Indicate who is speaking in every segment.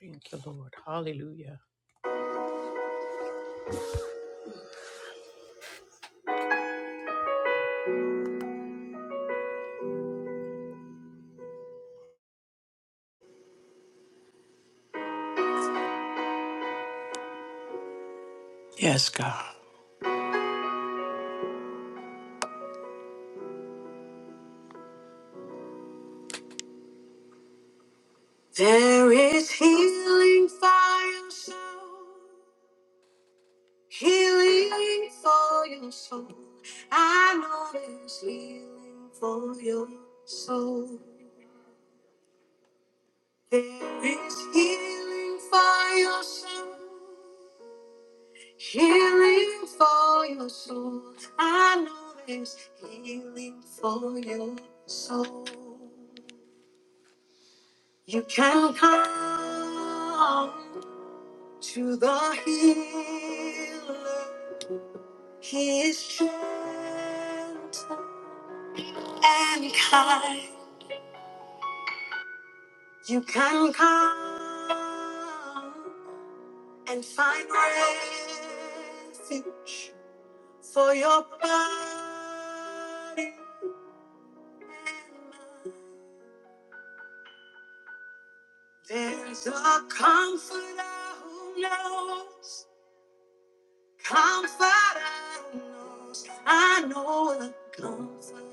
Speaker 1: Thank you, Lord. Hallelujah. Yes, God. There is healing for your soul, healing for your soul. I know there's healing for your soul. There is healing for your soul, healing for your soul. I know there's healing for your soul. You can come to the healer. He is gentle and kind. You can come and find refuge for your body and mind. There's a comforter who knows Comforter knows. I know the comforter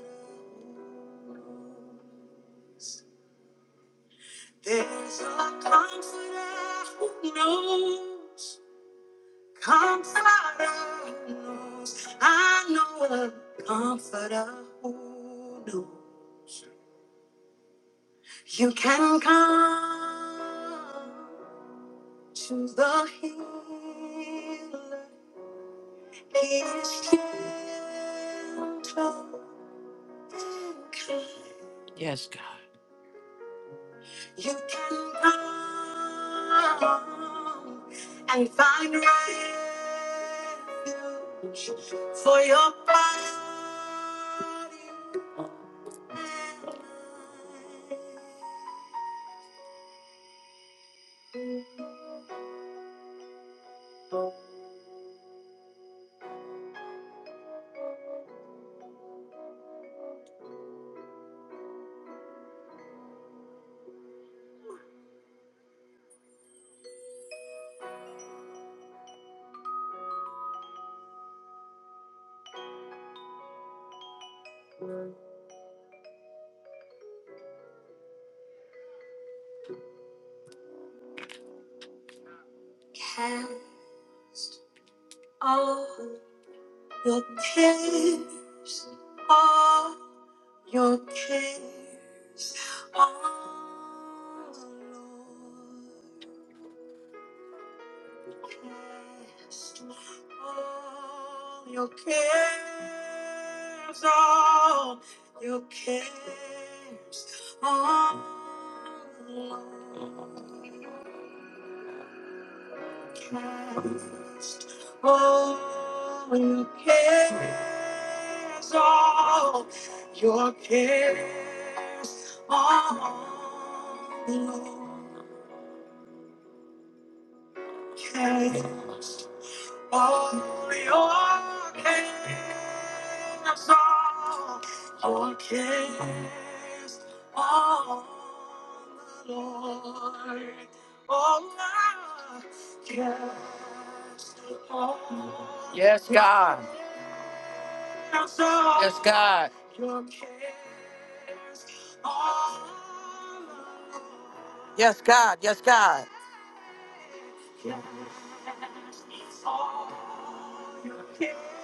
Speaker 1: knows. There's a comforter who knows. Comforter who knows. I know a comforter who knows. You can come to the healer. He is gentle. Yes, God. You can come and find refuge for your body. and mind. Cast all your cares, all your cares on the Lord. All your cares, all your cares, all cast. All your cares, all your cares, all cast. Holy, your King of song, your kiss on the Lord. Oh, I cast upon Yes, God. your soul, Yes, God. Your kiss on the Lord. Yes, God. Yes, God. Yes, all your kiss.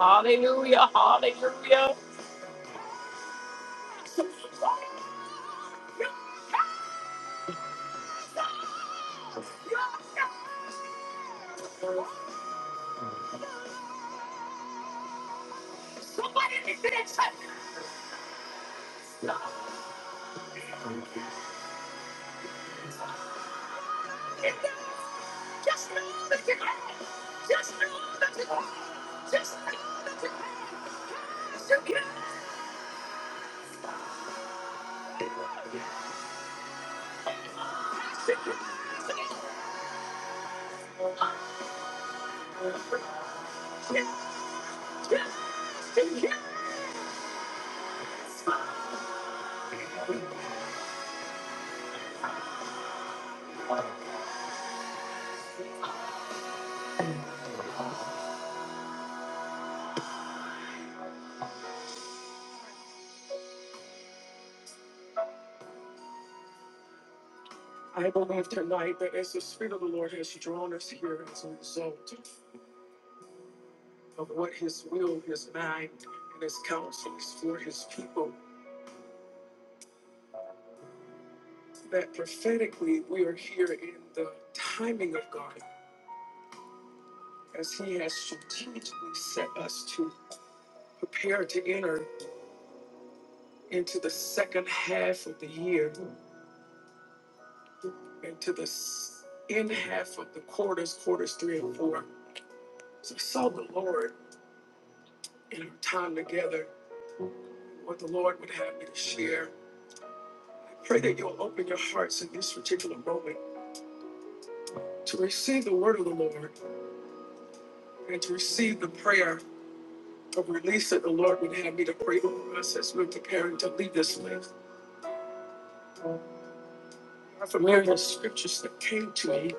Speaker 1: Hallelujah, hallelujah. Somebody needs to get checked. Just know that you can. Just know, just know. I believe tonight that as the Spirit of the Lord has drawn us here as a result of what His will, His mind, and His counsel is for His people, that prophetically we are here in the timing of God as He has strategically set us to prepare to enter into the second half of the year into the s- end half of the quarters, quarters three and four. So I saw the Lord in our time together, what the Lord would have me to share. I pray that you'll open your hearts in this particular moment to receive the word of the Lord and to receive the prayer of release that the Lord would have me to pray over us as we're preparing to leave this life. I'm familiar with scriptures that came to me.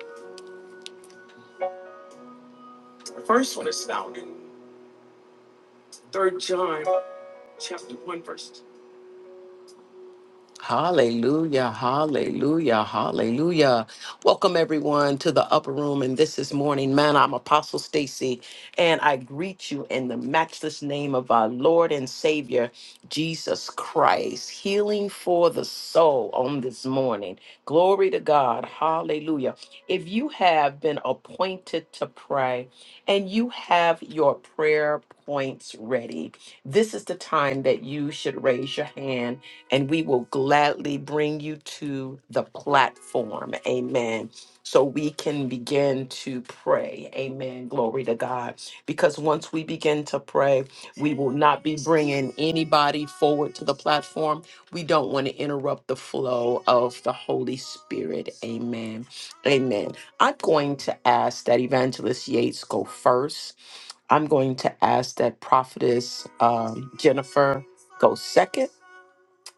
Speaker 1: The first one is found in Third John chapter 1, verse Hallelujah, hallelujah, hallelujah. Welcome everyone to the upper room and this is morning man. I'm Apostle Stacy and I greet you in the matchless name of our Lord and Savior Jesus Christ. Healing for the soul on this morning. Glory to God. Hallelujah. If you have been appointed to pray and you have your prayer points ready, this is the time that you should raise your hand and we will gladly bring you to the platform. Amen. So we can begin to pray. Amen. Glory to God. Because once we begin to pray, we will not be bringing anybody forward to the platform. We don't want to interrupt the flow of the Holy Spirit. Amen. Amen. I'm going to ask that Evangelist Yates go first. I'm going to ask that Prophetess um, Jennifer go second.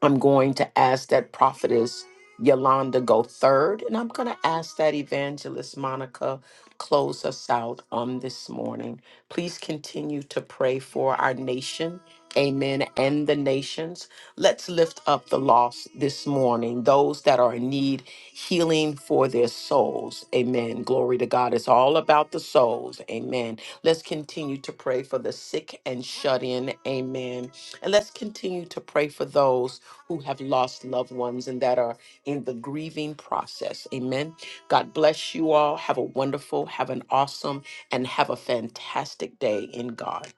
Speaker 1: I'm going to ask that prophetess Yolanda go third, and I'm going to ask that evangelist Monica close us out on this morning. Please continue to pray for our nation. Amen. And the nations. Let's lift up the lost this morning, those that are in need, healing for their souls. Amen. Glory to God. It's all about the souls. Amen. Let's continue to pray for the sick and shut in. Amen. And let's continue to pray for those who have lost loved ones and that are in the grieving process. Amen. God bless you all. Have a wonderful, have an awesome, and have a fantastic day in God.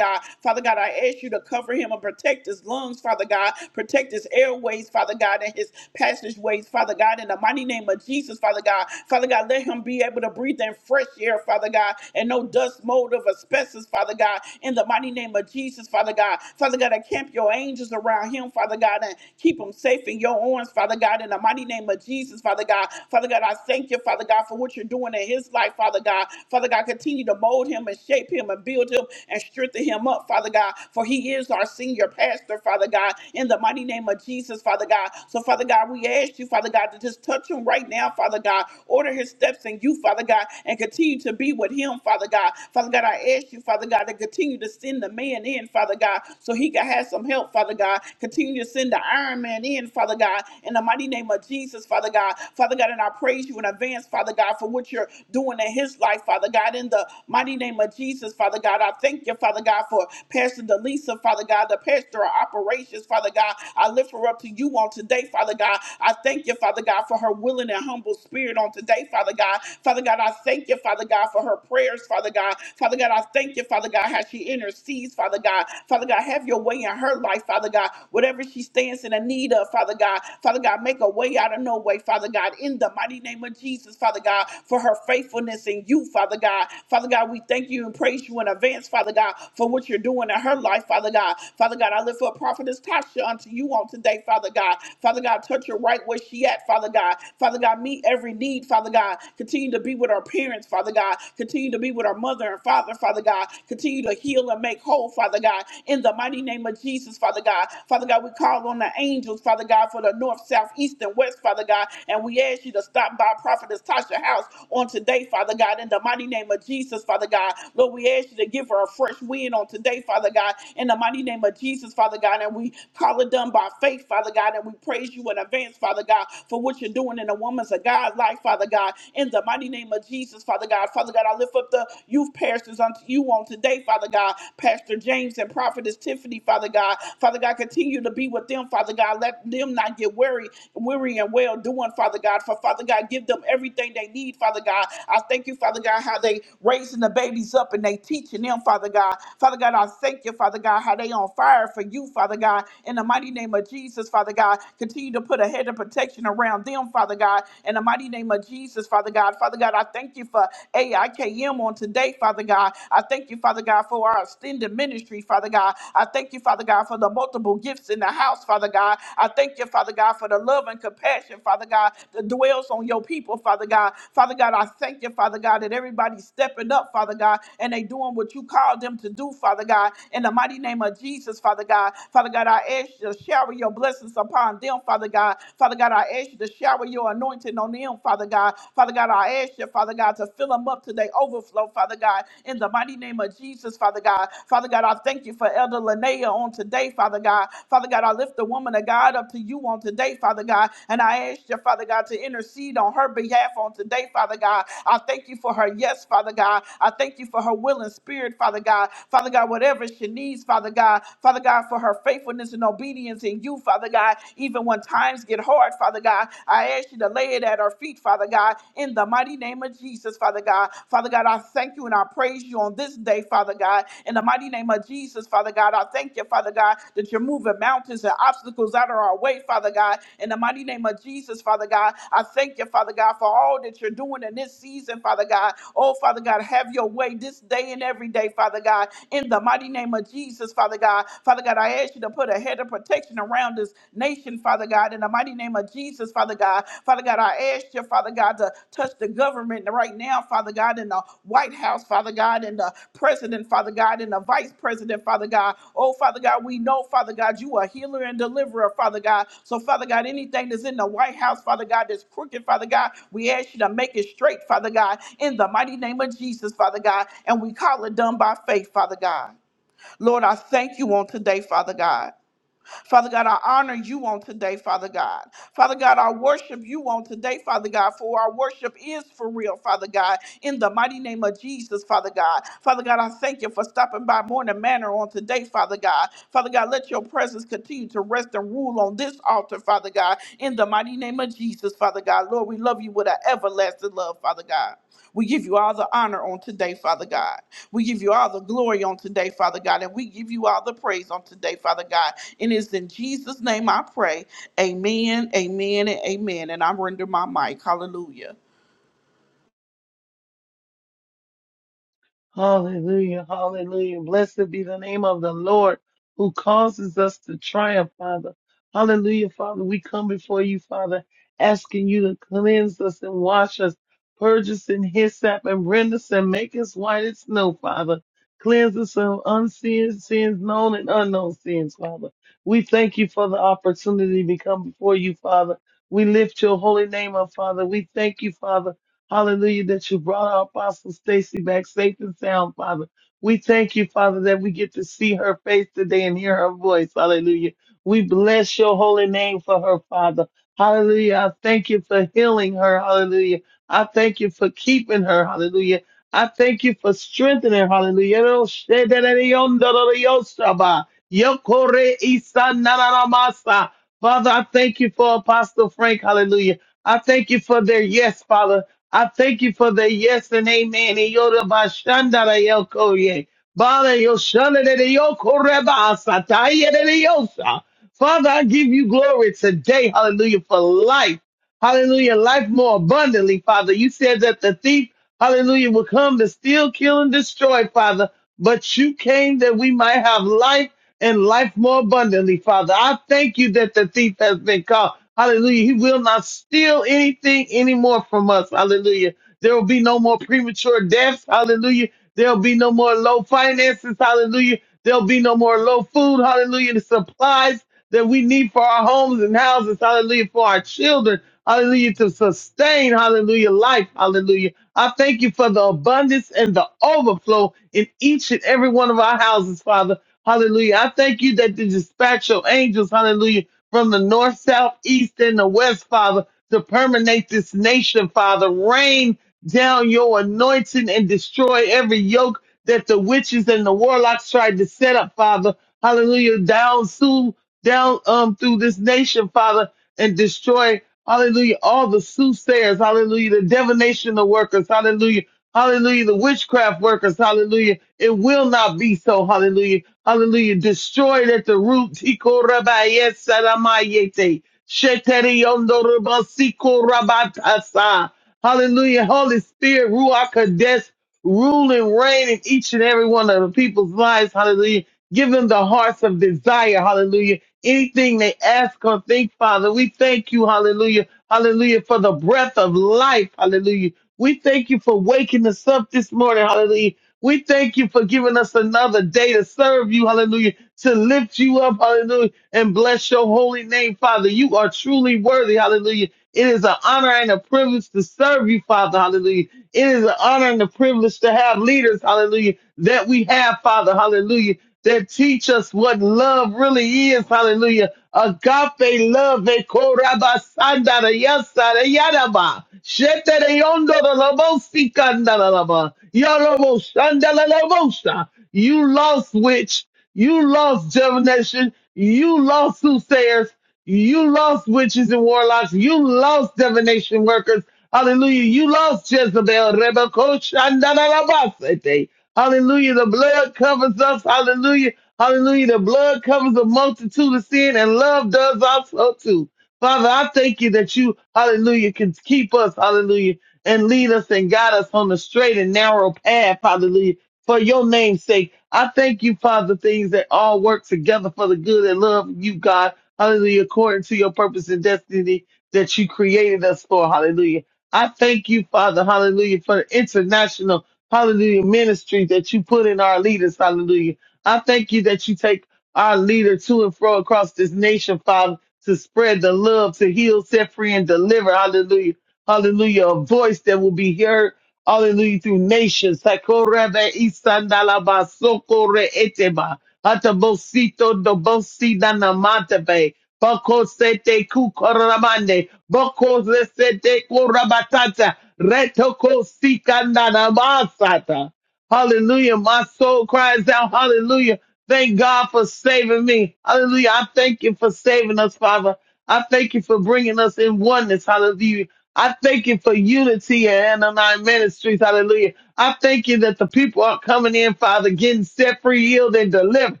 Speaker 2: Hallelujah, hallelujah. Blessed be the name of the Lord who causes us to triumph, Father. Hallelujah, Father. We come before you, Father, asking you to cleanse us and wash us, purge us in hyssop and rend us and make us white as snow, Father. Cleanse us of unseen sins, known and unknown sins, Father. We thank you for the opportunity to come before you, Father. We lift your holy name up, Father. We thank you, Father Hallelujah, that you brought our Apostle Stacy back safe and sound, Father. We thank you, Father, that we get to see her face today and hear her voice. Hallelujah. We bless your holy name for her, Father. Hallelujah. I thank you for healing her. Hallelujah. I thank you for keeping her. Hallelujah. I thank you for strengthening her. Hallelujah. Oh, shedadadayondororiyosaba. Yokore isanaramasa. Father, I thank you for Apostle Frank. Hallelujah. I thank you for their yes, Father. I thank you for the yes and amen. In Yoda Bashandara Yokoye. Father, Yoshana de Yokorebasa, Taya de Yosha. Father, I give you glory today, hallelujah, for life. Hallelujah, life more abundantly, Father. You said that the thief, hallelujah, will come to steal, kill, and destroy, Father. But you came that we might have life and life more abundantly, Father. I thank you that the thief has been caught. Hallelujah. He will not steal anything anymore from us. Hallelujah. There will be no more premature deaths. Hallelujah. There'll be no more low finances. Hallelujah. There'll be no more low food. Hallelujah. The supplies that we need for our homes and houses, hallelujah, for our children, hallelujah, to sustain, hallelujah, life, hallelujah. I thank you for the abundance and the overflow in each and every one of our houses, Father, hallelujah. I thank you that you dispatch your angels, hallelujah, from the north, south, east, and the west, Father, to permeate this nation, Father. Rain down your anointing and destroy every yoke that the witches and the warlocks tried to set up, Father. Hallelujah. Down soon down um through this nation, Father, and destroy, hallelujah, all the soothsayers, hallelujah, the divination of workers, hallelujah, hallelujah, the witchcraft workers, hallelujah. It will not be so, hallelujah, hallelujah. Destroyed at the root. Tiko rabaye saramayete. Sheteri yondo rabasiko rabatasa. Hallelujah. Holy Spirit, Ruach Kodesh, rule and reign in each and every one of the people's lives. Hallelujah Give them the hearts of desire. Hallelujah. Anything they ask or think, Father, we thank you. Hallelujah. Hallelujah. For the breath of life. Hallelujah. We thank you for waking us up this morning. Hallelujah. We thank you for giving us another day to serve you. Hallelujah. To lift you up. Hallelujah. And bless your holy name, Father. You are truly worthy. Hallelujah. It is an honor and a privilege to serve you, Father. Hallelujah. It is an honor and a privilege to have leaders. Hallelujah. That we have, Father. Hallelujah that teach us what love really is. Hallelujah. Agape love. e koraba sandara yasara yaraba. Shetere yondoro lobo sikandara lobo. Yorobo shandala lobosa. You lost witch. You lost divination. You lost soothsayers. You lost witches and warlocks. You lost divination workers. Hallelujah. You lost Jezebel. Rebekoshandarabasete. Hallelujah. The blood covers us. Hallelujah. Hallelujah. The blood covers a multitude of sin and love does also too. Father, I thank you that you, hallelujah, can keep us, hallelujah, and lead us and guide us on the straight and narrow path, hallelujah, for your name's sake. I thank you, Father, things that all work together for the good and love you, God, hallelujah, according to your purpose and destiny that you created us for. Hallelujah. I thank you, Father, hallelujah, for the international, hallelujah, ministry that you put in our leaders, hallelujah. I thank you that you take our leader to and fro across this nation, Father, to spread the love, to heal, set free, and deliver, hallelujah, hallelujah, a voice that will be heard, hallelujah, through nations. Sakorebe isandalaba sokore eteba. Atabosito do bosida na matebe. Boko sete kukorabande. Boko sete kurabatata. Retoko sikanda na masata. Hallelujah. My soul cries out. Hallelujah. Thank God for saving me. Hallelujah. I thank you for saving us, Father. I thank you for bringing us in oneness. Hallelujah. I thank you for unity and Anonymous Ministries. Hallelujah. I thank you that the people are coming in, Father, getting set free, healed, and delivered.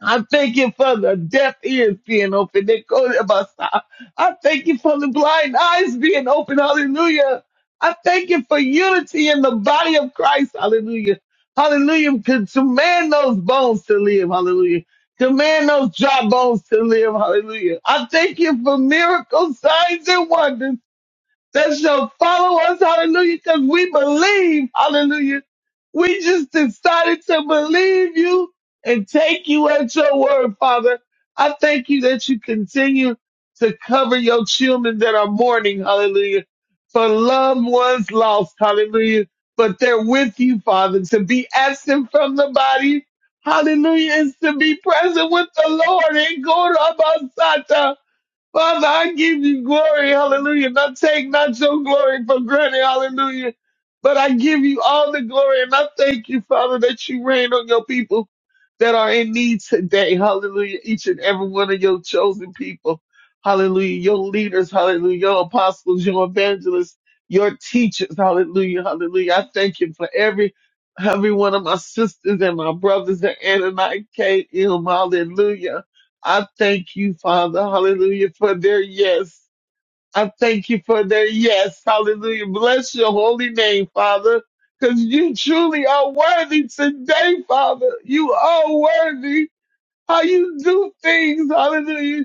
Speaker 2: I thank you for the deaf ears being open. They go to my side. I thank you for the blind eyes being open. Hallelujah. I thank you for unity in the body of Christ. Hallelujah. Hallelujah. To command those bones to live. Hallelujah. Command those dry bones to live. Hallelujah. I thank you for miracles, signs, and wonders that shall follow us, hallelujah, because we believe, hallelujah. We just decided to believe you and take you at your word, Father. I thank you that you continue to cover your children that are mourning, hallelujah, for loved ones lost, hallelujah, but they're with you, Father, to be absent from the body. Hallelujah is to be present with the Lord and go to Abba Sata. Father, I give you glory, hallelujah. Not take not your glory for granted, hallelujah. But I give you all the glory and I thank you, Father, that you reign on your people that are in need today, hallelujah. Each and every one of your chosen people, hallelujah. Your leaders, hallelujah. Your apostles, your evangelists, your teachers, hallelujah, hallelujah. I thank you for every, every one of my sisters and my brothers, the Ananite, K.M., hallelujah I thank you, Father, hallelujah, for their yes. I thank you for their yes, hallelujah. Bless your holy name, Father, because you truly are worthy today, Father. You are worthy how you do things, hallelujah.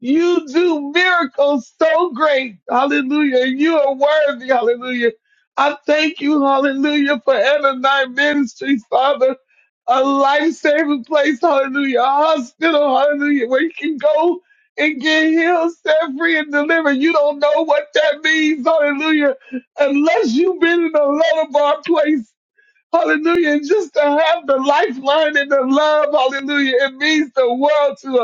Speaker 2: You do miracles so great. Hallelujah. And You are worthy. Hallelujah. I thank you. Hallelujah. For night Ministries, Father. A life saving place. Hallelujah. A hospital. Hallelujah. Where you can go and get healed, set free, and delivered. You don't know what that means. Hallelujah. Unless you've been in a lower bar place. Hallelujah. And just to have the lifeline and the love. Hallelujah. It means the world to us.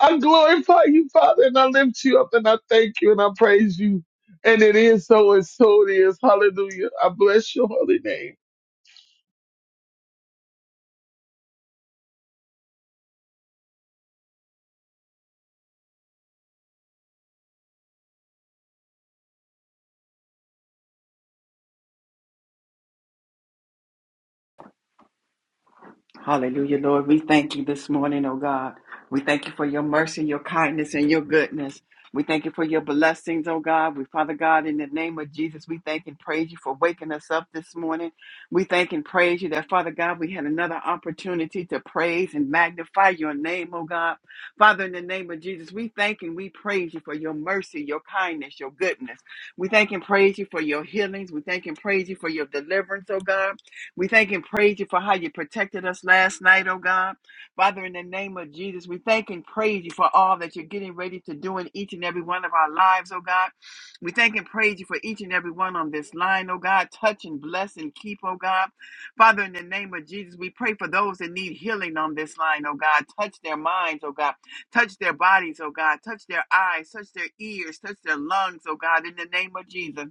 Speaker 2: I glorify you, Father, and I lift you up and I thank you and I praise you. And it is so and so it is. Hallelujah. I bless your holy name.
Speaker 3: Hallelujah, Lord. We thank you this morning, oh God. We thank you for your mercy, your kindness, and your goodness. We thank you for your blessings, oh God. We, Father God, in the name of Jesus, we thank and praise you for waking us up this morning. We thank and praise you that, Father God, we had another opportunity to praise and magnify your name, oh God. Father, in the name of Jesus, we thank and we praise you for your mercy, your kindness, your goodness. We thank and praise you for your healings. We thank and praise you for your deliverance, oh God. We thank and praise you for how you protected us last night, oh God. Father, in the name of Jesus, we thank and praise you for all that you're getting ready to do in each and every one of our lives, oh God. We thank and praise you for each and every one on this line, oh God. Touch and bless and keep, oh God. Father, in the name of Jesus, we pray for those that need healing on this line, oh God. Touch their minds, oh God. Touch their bodies, oh God. Touch their eyes, touch their ears, touch their lungs, oh God, in the name of Jesus.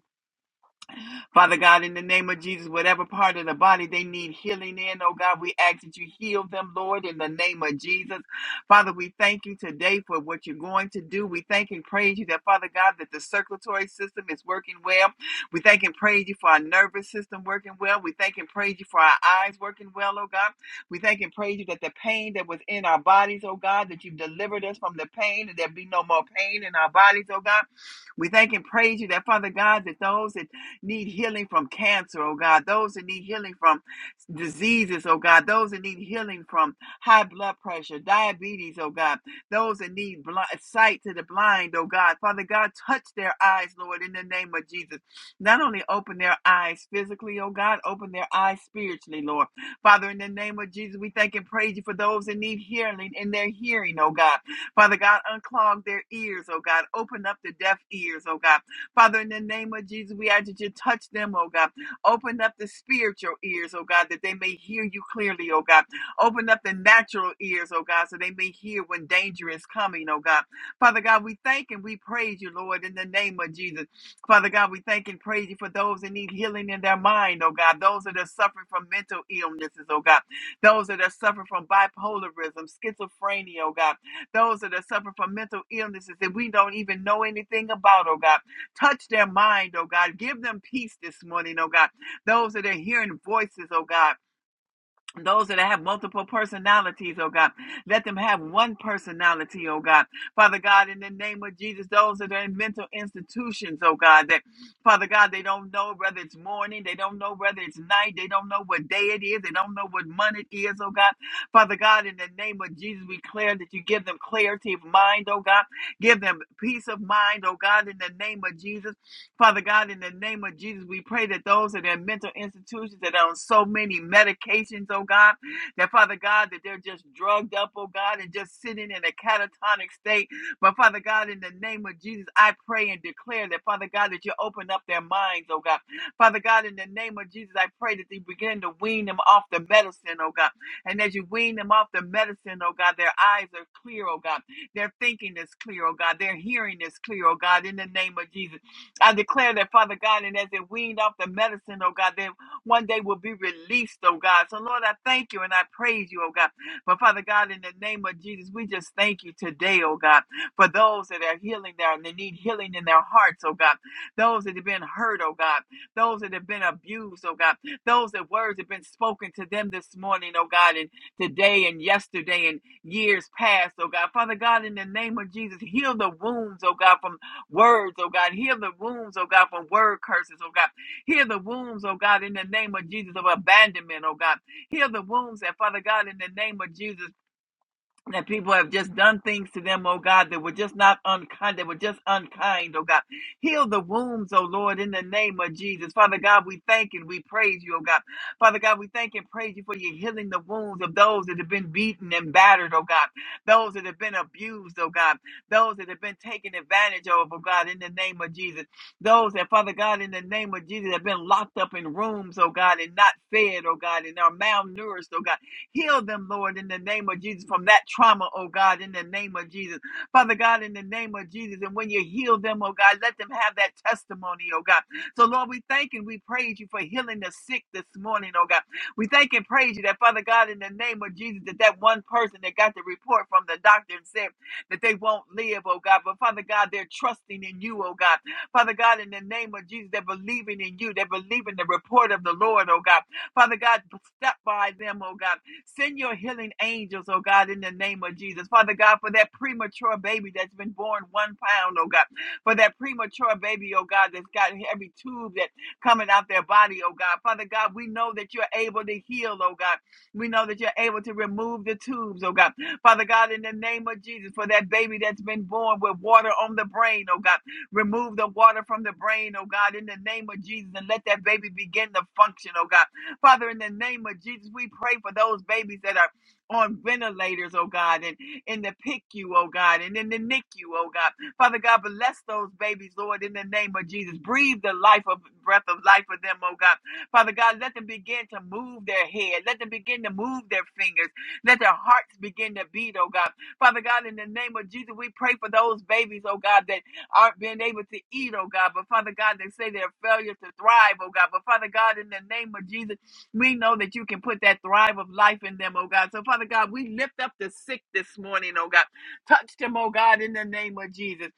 Speaker 3: Father God, in the name of Jesus, whatever part of the body they need healing in, oh God, we ask that you heal them, Lord, in the name of Jesus. Father, we thank you today for what you're going to do. We thank and praise you that, Father God, that the circulatory system is working well. We thank and praise you for our nervous system working well. We thank and praise you for our eyes working well, oh God. We thank and praise you that the pain that was in our bodies, oh God, that you've delivered us from the pain and there be no more pain in our bodies, oh God. We thank and praise you that, Father God, that those that need healing from cancer, oh God, those that need healing from diseases, oh God, those that need healing from high blood pressure, diabetes, oh God, those that need blind, sight to the blind, oh God. Father God, touch their eyes, Lord, in the name of Jesus. Not only open their eyes physically, oh God, open their eyes spiritually, Lord. Father, in the name of Jesus, we thank and praise you for those that need healing in their hearing, oh God. Father God, unclog their ears, oh God. Open up the deaf ears, oh God. Father, in the name of Jesus, we ask that you touch them, oh God. Open up the spiritual ears, oh God, that they may hear you clearly, oh God. Open up the natural ears, oh God, so they may hear when danger is coming, oh God. Father God, we thank and we praise you, Lord, in the name of Jesus. Father God, we thank and praise you for those that need healing in their mind, oh God. Those that are suffering from mental illnesses, oh God. Those that are suffering from bipolarism, schizophrenia, oh God. Those that are suffering from mental illnesses that we don't even know anything about, oh God. Touch their mind, oh God. Give them peace this morning, oh God. Those that are hearing voices, oh God. Those that have multiple personalities, oh God, let them have one personality, oh God. Father God, in the name of Jesus, those that are in mental institutions, oh God, that Father God, they don't know whether it's morning, they don't know whether it's night, they don't know what day it is, they don't know what month it is, oh God. Father God, in the name of Jesus, we declare that you give them clarity of mind, oh God. Give them peace of mind, oh God, in the name of Jesus. Father God, in the name of Jesus, we pray that those in their mental institutions that are on so many medications, oh God, that Father God, that they're just drugged up, oh God, and just sitting in a catatonic state. But Father God, in the name of Jesus, I pray and declare that Father God, that you open up their minds, oh God. Father God, in the name of Jesus, I pray that you begin to wean them off the medicine, oh God. And as you wean them off the medicine, oh God, their eyes are clear, oh God. Their thinking is clear, oh God. Their hearing is clear, oh God, in the name of Jesus. I declare that, Father God, and as it weaned off the medicine, oh God, they one day will be released, oh God. So, Lord, I thank you and I praise you, oh God. But, Father God, in the name of Jesus, we just thank you today, oh God, for those that are healing there and they need healing in their hearts, oh God. Those that have been hurt, oh God. Those that have been abused, oh God. Those that words have been spoken to them this morning, oh God, and today and yesterday and years past, oh God. Father God, in the name of Jesus, heal the wounds, oh God, from words, oh God. Heal the wounds, oh God, from word curses, oh God. Heal the wounds, oh God, in the name of Jesus, of abandonment, oh God. Heal the wounds that, Father God, in the name of Jesus that people have just done things to them, oh God, that were just not unkind, that were just unkind, oh God. Heal the wounds, oh Lord, in the name of Jesus. Father God, we thank and we praise you, oh God. Father God, we thank and praise you for you healing the wounds of those that have been beaten and battered, oh God. Those that have been abused, oh God. Those that have been taken advantage of, oh God, in the name of Jesus. Those that, Father God, in the name of Jesus, have been locked up in rooms, oh God, and not fed, oh God, and are malnourished, oh God Heal them, Lord, in the name of Jesus, from that trauma, oh God, in the name of Jesus. Father God, in the name of Jesus. And when you heal them, oh God, let them have that testimony, oh God. So, Lord, we thank and we praise you for healing the sick this morning, oh God. We thank and praise you that, Father God, in the name of Jesus, that that one person that got the report from the doctor and said that they won't live, oh God. But, Father God, they're trusting in you, oh God. Father God, in the name of Jesus, they're believing in you. They're believing the report of the Lord, oh God. Father God, step by them, oh God. Send your healing angels, oh God, in the name of Jesus. Father God, for that premature baby that's been born one pound, oh God. For that premature baby, oh God, that's got every tube that coming out their body, oh God. Father God, we know that you're able to heal, oh God. We know that you're able to remove the tubes, oh God. Father God, in the name of Jesus, for that baby that's been born with water on the brain, oh God. Remove the water from the brain, oh God, in the name of Jesus, and let that baby begin to function, oh God. Father, in the name of Jesus, we pray for those babies that are on ventilators, oh God, and in the PICU, oh God, and in the NICU, oh God. Father God, bless those babies, Lord, in the name of Jesus. Breathe the life of breath of life for them, oh God. Father God, let them begin to move their head. Let them begin to move their fingers. Let their hearts begin to beat, oh God. Father God, in the name of Jesus, we pray for those babies, oh God, that aren't being able to eat, oh God. But Father God, they say they're failure to thrive, oh God. But Father God, in the name of Jesus, we know that you can put that thrive of life in them, oh God. So, Father God, we lift up the sick this morning, oh God. Touch them, oh God, in the name of Jesus.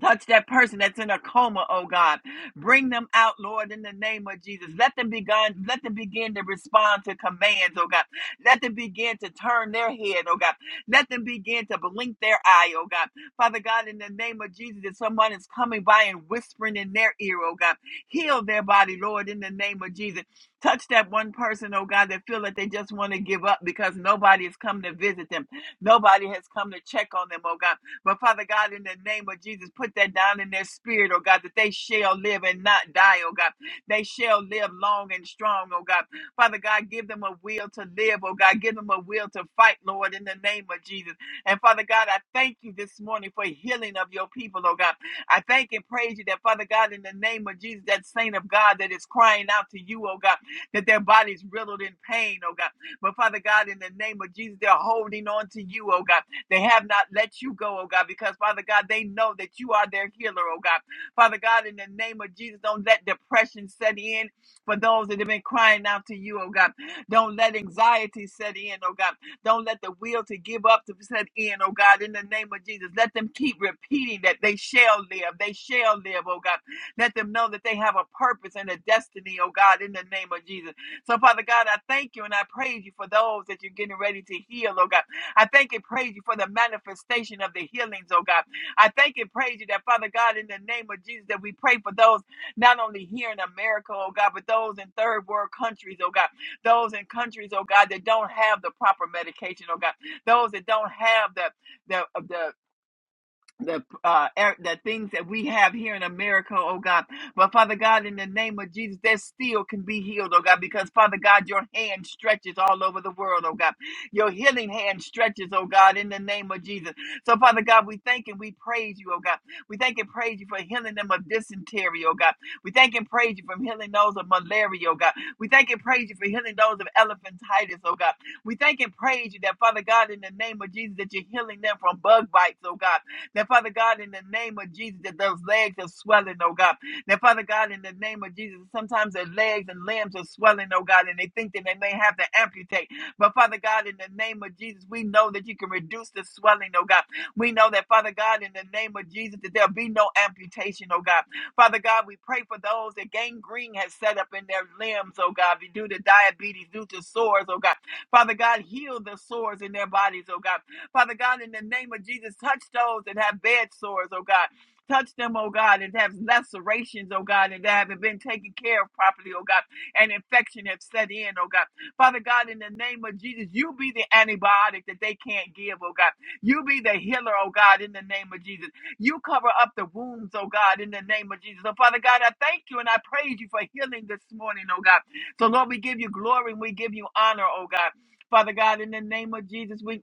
Speaker 3: Touch that person that's in a coma, oh God. Bring them out, Lord, in the name of Jesus. Let them begin, let them begin to respond to commands, oh God. Let them begin to turn their head, oh God. Let them begin to blink their eye, oh God. Father God, in the name of Jesus, if someone is coming by and whispering in their ear, oh God, heal their body, Lord, in the name of Jesus. Touch that one person, oh God, that feel that they just want to give up because nobody has come to visit them. Nobody has come to check on them, oh God. But Father God, in the name of Jesus, put that down in their spirit, oh God, that they shall live and not die, oh God. They shall live long and strong, oh God. Father God, give them a will to live, oh God. Give them a will to fight, Lord, in the name of Jesus. And Father God, I thank you this morning for healing of your people, oh God. I thank and praise you that, Father God, in the name of Jesus, that saint of God that is crying out to you, oh God, that their body's riddled in pain, oh God. But Father God, in the name of Jesus, they're holding on to you, oh God. They have not let you go, oh God, because Father God, they know that you are their healer, oh God. Father God, in the name of Jesus, don't let depression set in for those that have been crying out to you, oh God. Don't let anxiety set in, oh God. Don't let the will to give up to set in, oh God, in the name of Jesus. Let them keep repeating that they shall live. They shall live, oh God. Let them know that they have a purpose and a destiny, oh God, in the name of Jesus. So, Father God, I thank you and I praise you for those that you're getting ready to heal, oh God. I thank and praise you for the manifestation of the healings, oh God. I thank and praise you that, Father God, in the name of Jesus, that we pray for those not only here in America, oh God, but those in third world countries, oh God, those in countries, oh God, that don't have the proper medication, oh God, those that don't have the the the the uh er- the things that we have here in America, oh God. But Father God, in the name of Jesus, that still can be healed, oh God, because Father God, your hand stretches all over the world, oh God. Your healing hand stretches, oh God, in the name of Jesus. So Father God, we thank and we praise you, oh God. We thank and praise you for healing them of dysentery, oh God. We thank and praise you for healing those of malaria, oh God. We thank and praise you for healing those of elephantitis, oh God. We thank and praise you that Father God, in the name of Jesus, that you're healing them from bug bites, oh God. That Father God, in the name of Jesus, that those legs are swelling, oh God. That Father God, in the name of Jesus, sometimes their legs and limbs are swelling, oh God, and they think that they may have to amputate. But Father God, in the name of Jesus, we know that you can reduce the swelling, oh God. We know that, Father God, in the name of Jesus, that there'll be no amputation, oh God. Father God, we pray for those that gangrene has set up in their limbs, oh God, due to diabetes, due to sores, oh God. Father God, heal the sores in their bodies, oh God. Father God, in the name of Jesus, touch those that have bed sores, oh God. Touch them, oh God, and have lacerations, oh God, and that haven't been taken care of properly, oh God, and infection have set in, oh God. Father God, in the name of Jesus, you be the antibiotic that they can't give, oh God. You be the healer, oh God, in the name of Jesus. You cover up the wounds, oh God, in the name of Jesus. So, Father God, I thank you and I praise you for healing this morning, oh God. So, Lord, we give you glory and we give you honor, oh God. Father God, in the name of Jesus, we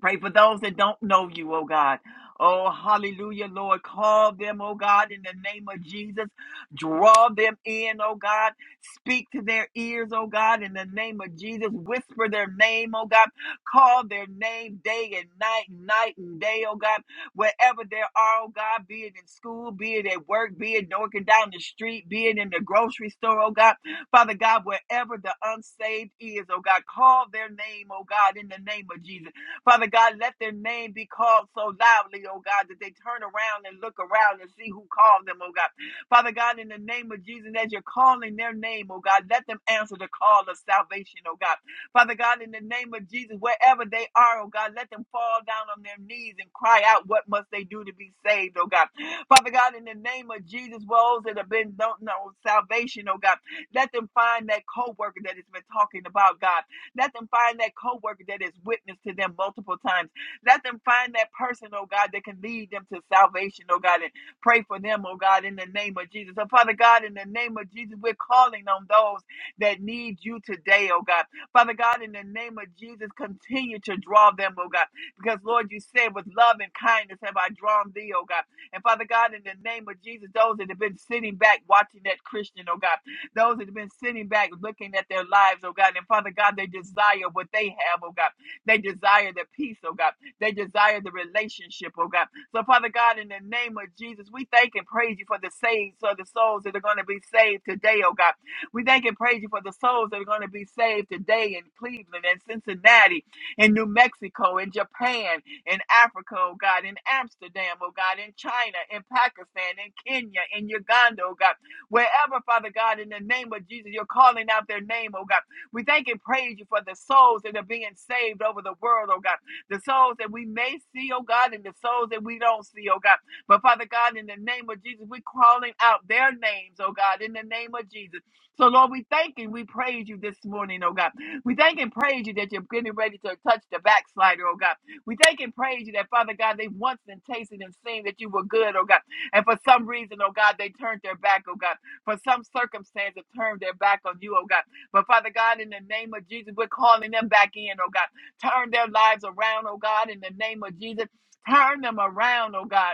Speaker 3: Pray for those that don't know you, oh God. Oh, hallelujah, Lord. Call them, oh God, in the name of Jesus. Draw them in, oh God. Speak to their ears, oh God, in the name of Jesus. Whisper their name, oh God. Call their name day and night, night and day, oh God. Wherever they are, oh God, be it in school, be it at work, be it walking down the street, be it in the grocery store, oh God. Father God, wherever the unsaved is, oh God, call their name, oh God, in the name of Jesus. Father God, let their name be called so loudly, oh God, that they turn around and look around and see who called them, oh God. Father God, in the name of Jesus, as you're calling their name, oh God, let them answer the call of salvation, oh God. Father God, in the name of Jesus, wherever they are, oh God, let them fall down on their knees and cry out, What must they do to be saved, oh God? Father God, in the name of Jesus, well, those that have been don't know salvation, oh God, let them find that co worker that has been talking about, God. Let them find that coworker that is witness to them multiple times. Let them find that person, oh God, that can lead them to salvation, oh God, and pray for them, oh God, in the name of Jesus. So, Father God, in the name of Jesus, we're calling on those that need you today, oh God. Father God, in the name of Jesus, continue to draw them, oh God, because Lord, you said, with love and kindness have I drawn thee, oh God. And Father God, in the name of Jesus, those that have been sitting back watching that Christian, oh God. Those that have been sitting back looking at their lives, oh God. And Father God, they desire what they have, oh God. They desire the peace, oh God. They desire the relationship, oh God. So, Father God, in the name of Jesus, we thank and praise you for the saved, so the souls that are going to be saved today, oh God. We thank and praise you for the souls that are going to be saved today in Cleveland and Cincinnati in New Mexico, in Japan, in Africa, oh God, in Amsterdam, oh God, in China, in Pakistan, in Kenya, in Uganda, oh God wherever, Father God, in the name of Jesus, you're calling out their name, oh God. We thank and praise you for the souls that are being saved over the world, oh God. The souls that we may see, oh God, and the souls that we don't see, oh God. But Father God, in the name of Jesus, we're calling out their names, oh God, in the name of Jesus. So, Lord, we thank and we praise you this morning, oh God. We thank and praise you that you're getting ready to touch the backslider, oh God. We thank and praise you that, Father God, they've once and tasted and seen that you were good, oh God. And for some reason, oh God, they turned their back, oh God for some circumstance have turned their back on you, oh God. But Father God, in the name of Jesus, we're calling them back in, oh God. Turn their lives around, oh God, in the name of Jesus. Turn them around, oh God.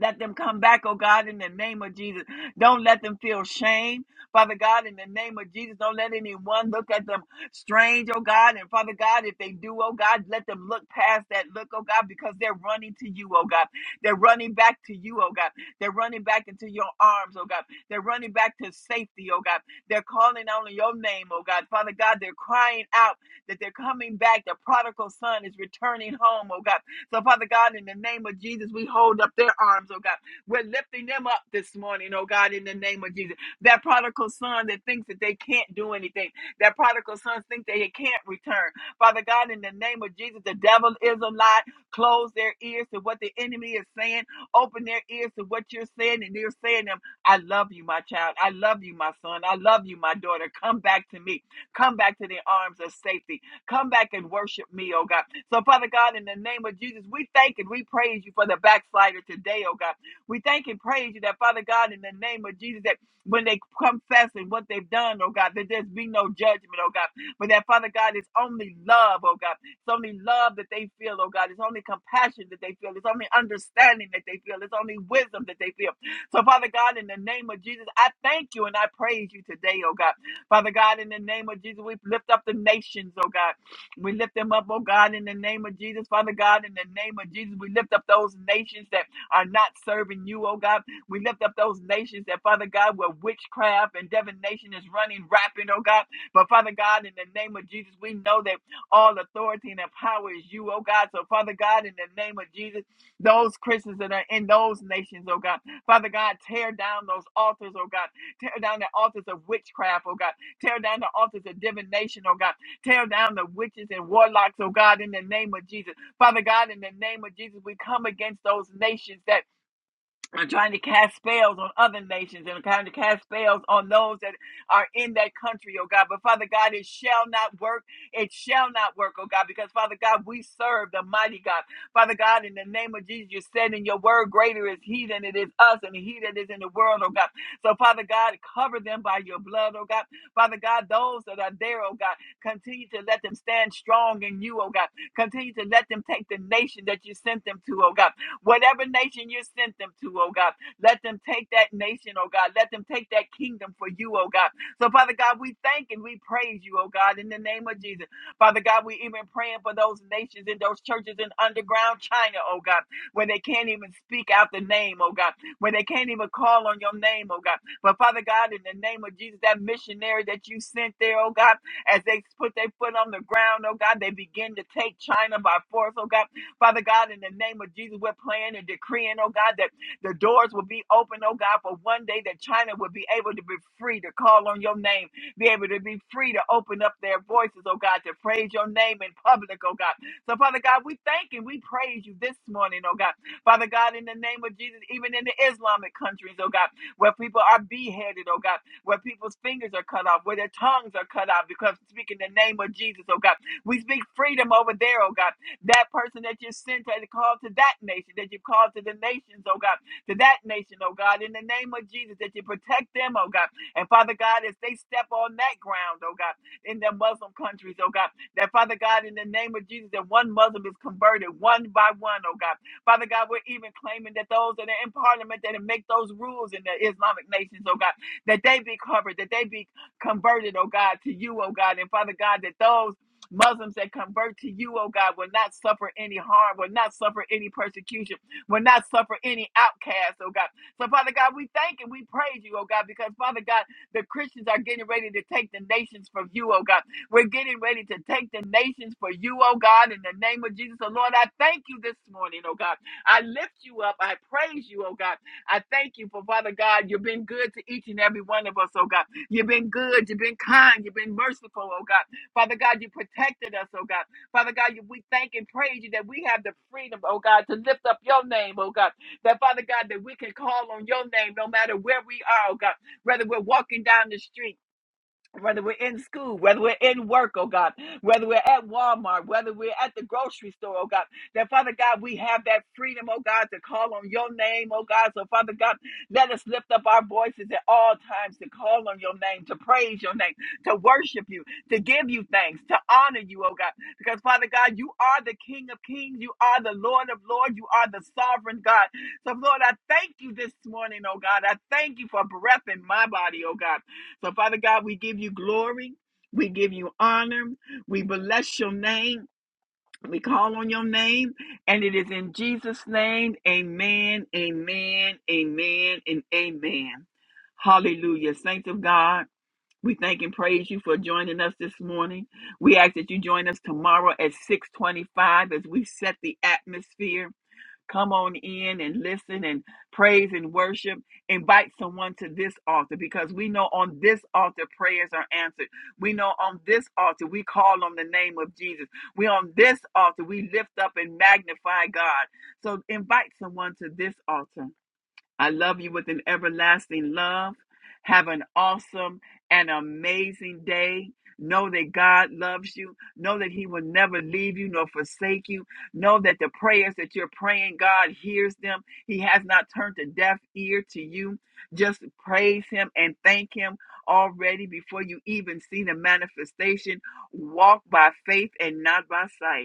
Speaker 3: Let them come back, oh God, in the name of Jesus. Don't let them feel shame, Father God, in the name of Jesus. Don't let anyone look at them strange, oh God. And Father God, if they do, oh God, let them look past that look, oh God, because they're running to you, oh God. They're running back to you, oh God. They're running back into your arms, oh God. They're running back to safety, oh God. They're calling on your name, oh God. Father God, they're crying out that they're coming back. The prodigal son is returning home, oh God. So, Father God, in the name of Jesus, we hold up their arms, oh God. We're lifting them up this morning, oh God, in the name of Jesus. That prodigal son that thinks that they can't do anything, that prodigal son thinks that he can't return. Father God, in the name of Jesus, the devil is a lie. Close their ears to what the enemy is saying, open their ears to what you're saying, and you're saying to them, I love you, my child. I love you, my son. I love you, my daughter. Come back to me. Come back to the arms of safety Come back and worship me, oh God. So, Father God, in the name of Jesus, we thank and we praise you for the backslider today, oh God. We thank and praise you that, Father God, in the name of Jesus, that when they confess and what they've done, oh God, that there's be no judgment, oh God. But that, Father God, it's only love, oh God. It's only love that they feel, oh God. It's only compassion that they feel. It's only understanding that they feel. It's only wisdom that they feel. So, Father God, in the name of Jesus, I thank you and I praise you today, oh God. Father God, in the name of Jesus, we lift up the nations, oh God. We lift them up, oh God, in the name of Jesus. Father God, in the name of Jesus, we lift up those nations that are not serving you, oh God. We lift up those nations that, Father God, where witchcraft and divination is running rapid, oh God. But Father God, in the name of Jesus, we know that all authority and power is you, oh God. So, Father God, in the name of Jesus, those Christians that are in those nations, oh God. Father God, tear down those altars, oh God. Tear down the altars of witchcraft, oh God. Tear down the altars of divination, oh God. Tear down the witches and warlocks, oh God, in the name of Jesus. Father God, in the name of Jesus, we come against those nations that are trying to cast spells on other nations and trying to cast spells on those that are in that country, oh God. But Father God, it shall not work. It shall not work, oh God, because Father God, we serve the mighty God. Father God, in the name of Jesus, you said in your word, greater is he than it is us and he that is in the world, oh God. So Father God, cover them by your blood, oh God. Father God, those that are there, oh God, continue to let them stand strong in you, oh God. Continue to let them take the nation that you sent them to, oh God. Whatever nation you sent them to, oh God, let them take that nation, oh God. Let them take that kingdom for you, oh God. So, Father God, we thank and we praise you, oh God, in the name of Jesus. Father God, we even praying for those nations and those churches in underground China, oh God, where they can't even speak out the name, oh God, where they can't even call on your name, oh God. But Father God, in the name of Jesus, that missionary that you sent there, oh God, as they put their foot on the ground, oh God, they begin to take China by force, oh God. Father God, in the name of Jesus, we're praying and decreeing, oh God, that the doors will be open, oh God, for one day that China will be able to be free to call on your name, be able to be free to open up their voices, oh God, to praise your name in public, oh God. So, Father God, we thank and we praise you this morning, oh God. Father God, in the name of Jesus, even in the Islamic countries, oh God, where people are beheaded, oh God, where people's fingers are cut off, where their tongues are cut off because speaking the name of Jesus, oh God. We speak freedom over there, oh God that person that you sent to call to that nation, that you called to the nations, oh God, to that nation, oh God, in the name of Jesus, that you protect them, oh God. And Father God, as they step on that ground, oh God, in their Muslim countries, oh God, that Father God, in the name of Jesus, that one Muslim is converted one by one, oh God. Father God, we're even claiming that those that are in parliament that make those rules in the Islamic nations, oh God, that they be covered, that they be converted, oh God, to you, oh God. And Father God, that those Muslims that convert to you, oh God, will not suffer any harm, will not suffer any persecution, will not suffer any outcast, oh God. So, Father God, we thank and we praise you, oh God, because, Father God, the Christians are getting ready to take the nations from you, oh God. We're getting ready to take the nations for you, oh God, in the name of Jesus. So, Lord, I thank you this morning, oh God. I lift you up. I praise you, oh God. I thank you for, Father God, you've been good to each and every one of us, oh God. You've been good. You've been kind. You've been merciful, oh God. Father God, you protected us, oh God. Father God, you, we thank and praise you that we have the freedom, oh God, to lift up your name, oh God. That Father God, that we can call on your name no matter where we are, oh God. Whether we're walking down the street, whether we're in school, whether we're in work, oh God, whether we're at Walmart, whether we're at the grocery store, oh God, that Father God, we have that freedom, oh God, to call on your name, oh God. So, Father God, let us lift up our voices at all times to call on your name, to praise your name, to worship you, to give you thanks, to honor you, oh God. Because, Father God, you are the King of kings, you are the Lord of lords, you are the sovereign God. So, Lord, I thank you this morning, oh God. I thank you for breath in my body, oh God. So, Father God, we give you glory. We give you honor. We bless your name. We call on your name. And it is in Jesus' name. Amen, amen, amen, and amen. Hallelujah. Saints of God, we thank and praise you for joining us this morning. We ask that you join us tomorrow at 625 as we set the atmosphere Come on in and listen and praise and worship. Invite someone to this altar because we know on this altar prayers are answered. We know on this altar we call on the name of Jesus. We on this altar we lift up and magnify God. So invite someone to this altar I love you with an everlasting love. Have an awesome and amazing day. Know that God loves you. Know that He will never leave you nor forsake you. Know that the prayers that you're praying, God hears them. He has not turned a deaf ear to you. Just praise Him and thank Him already before you even see the manifestation. Walk by faith and not by sight.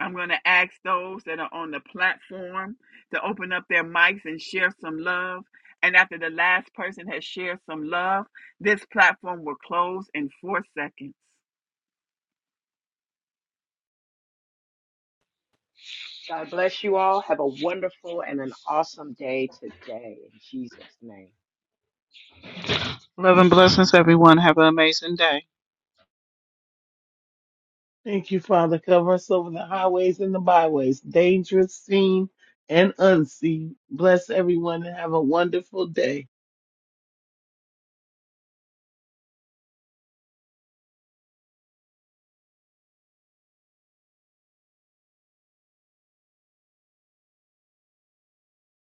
Speaker 3: I'm going to ask those that are on the platform to open up their mics and share some love. And after the last person has shared some love, this platform will close in four seconds.
Speaker 1: God bless you all. Have a wonderful and an awesome day today in Jesus' name.
Speaker 4: Love and blessings, everyone. Have an amazing day.
Speaker 2: Thank you, Father. Cover us over the highways and the byways, dangerous, seen, and unseen. Bless everyone and have a wonderful day.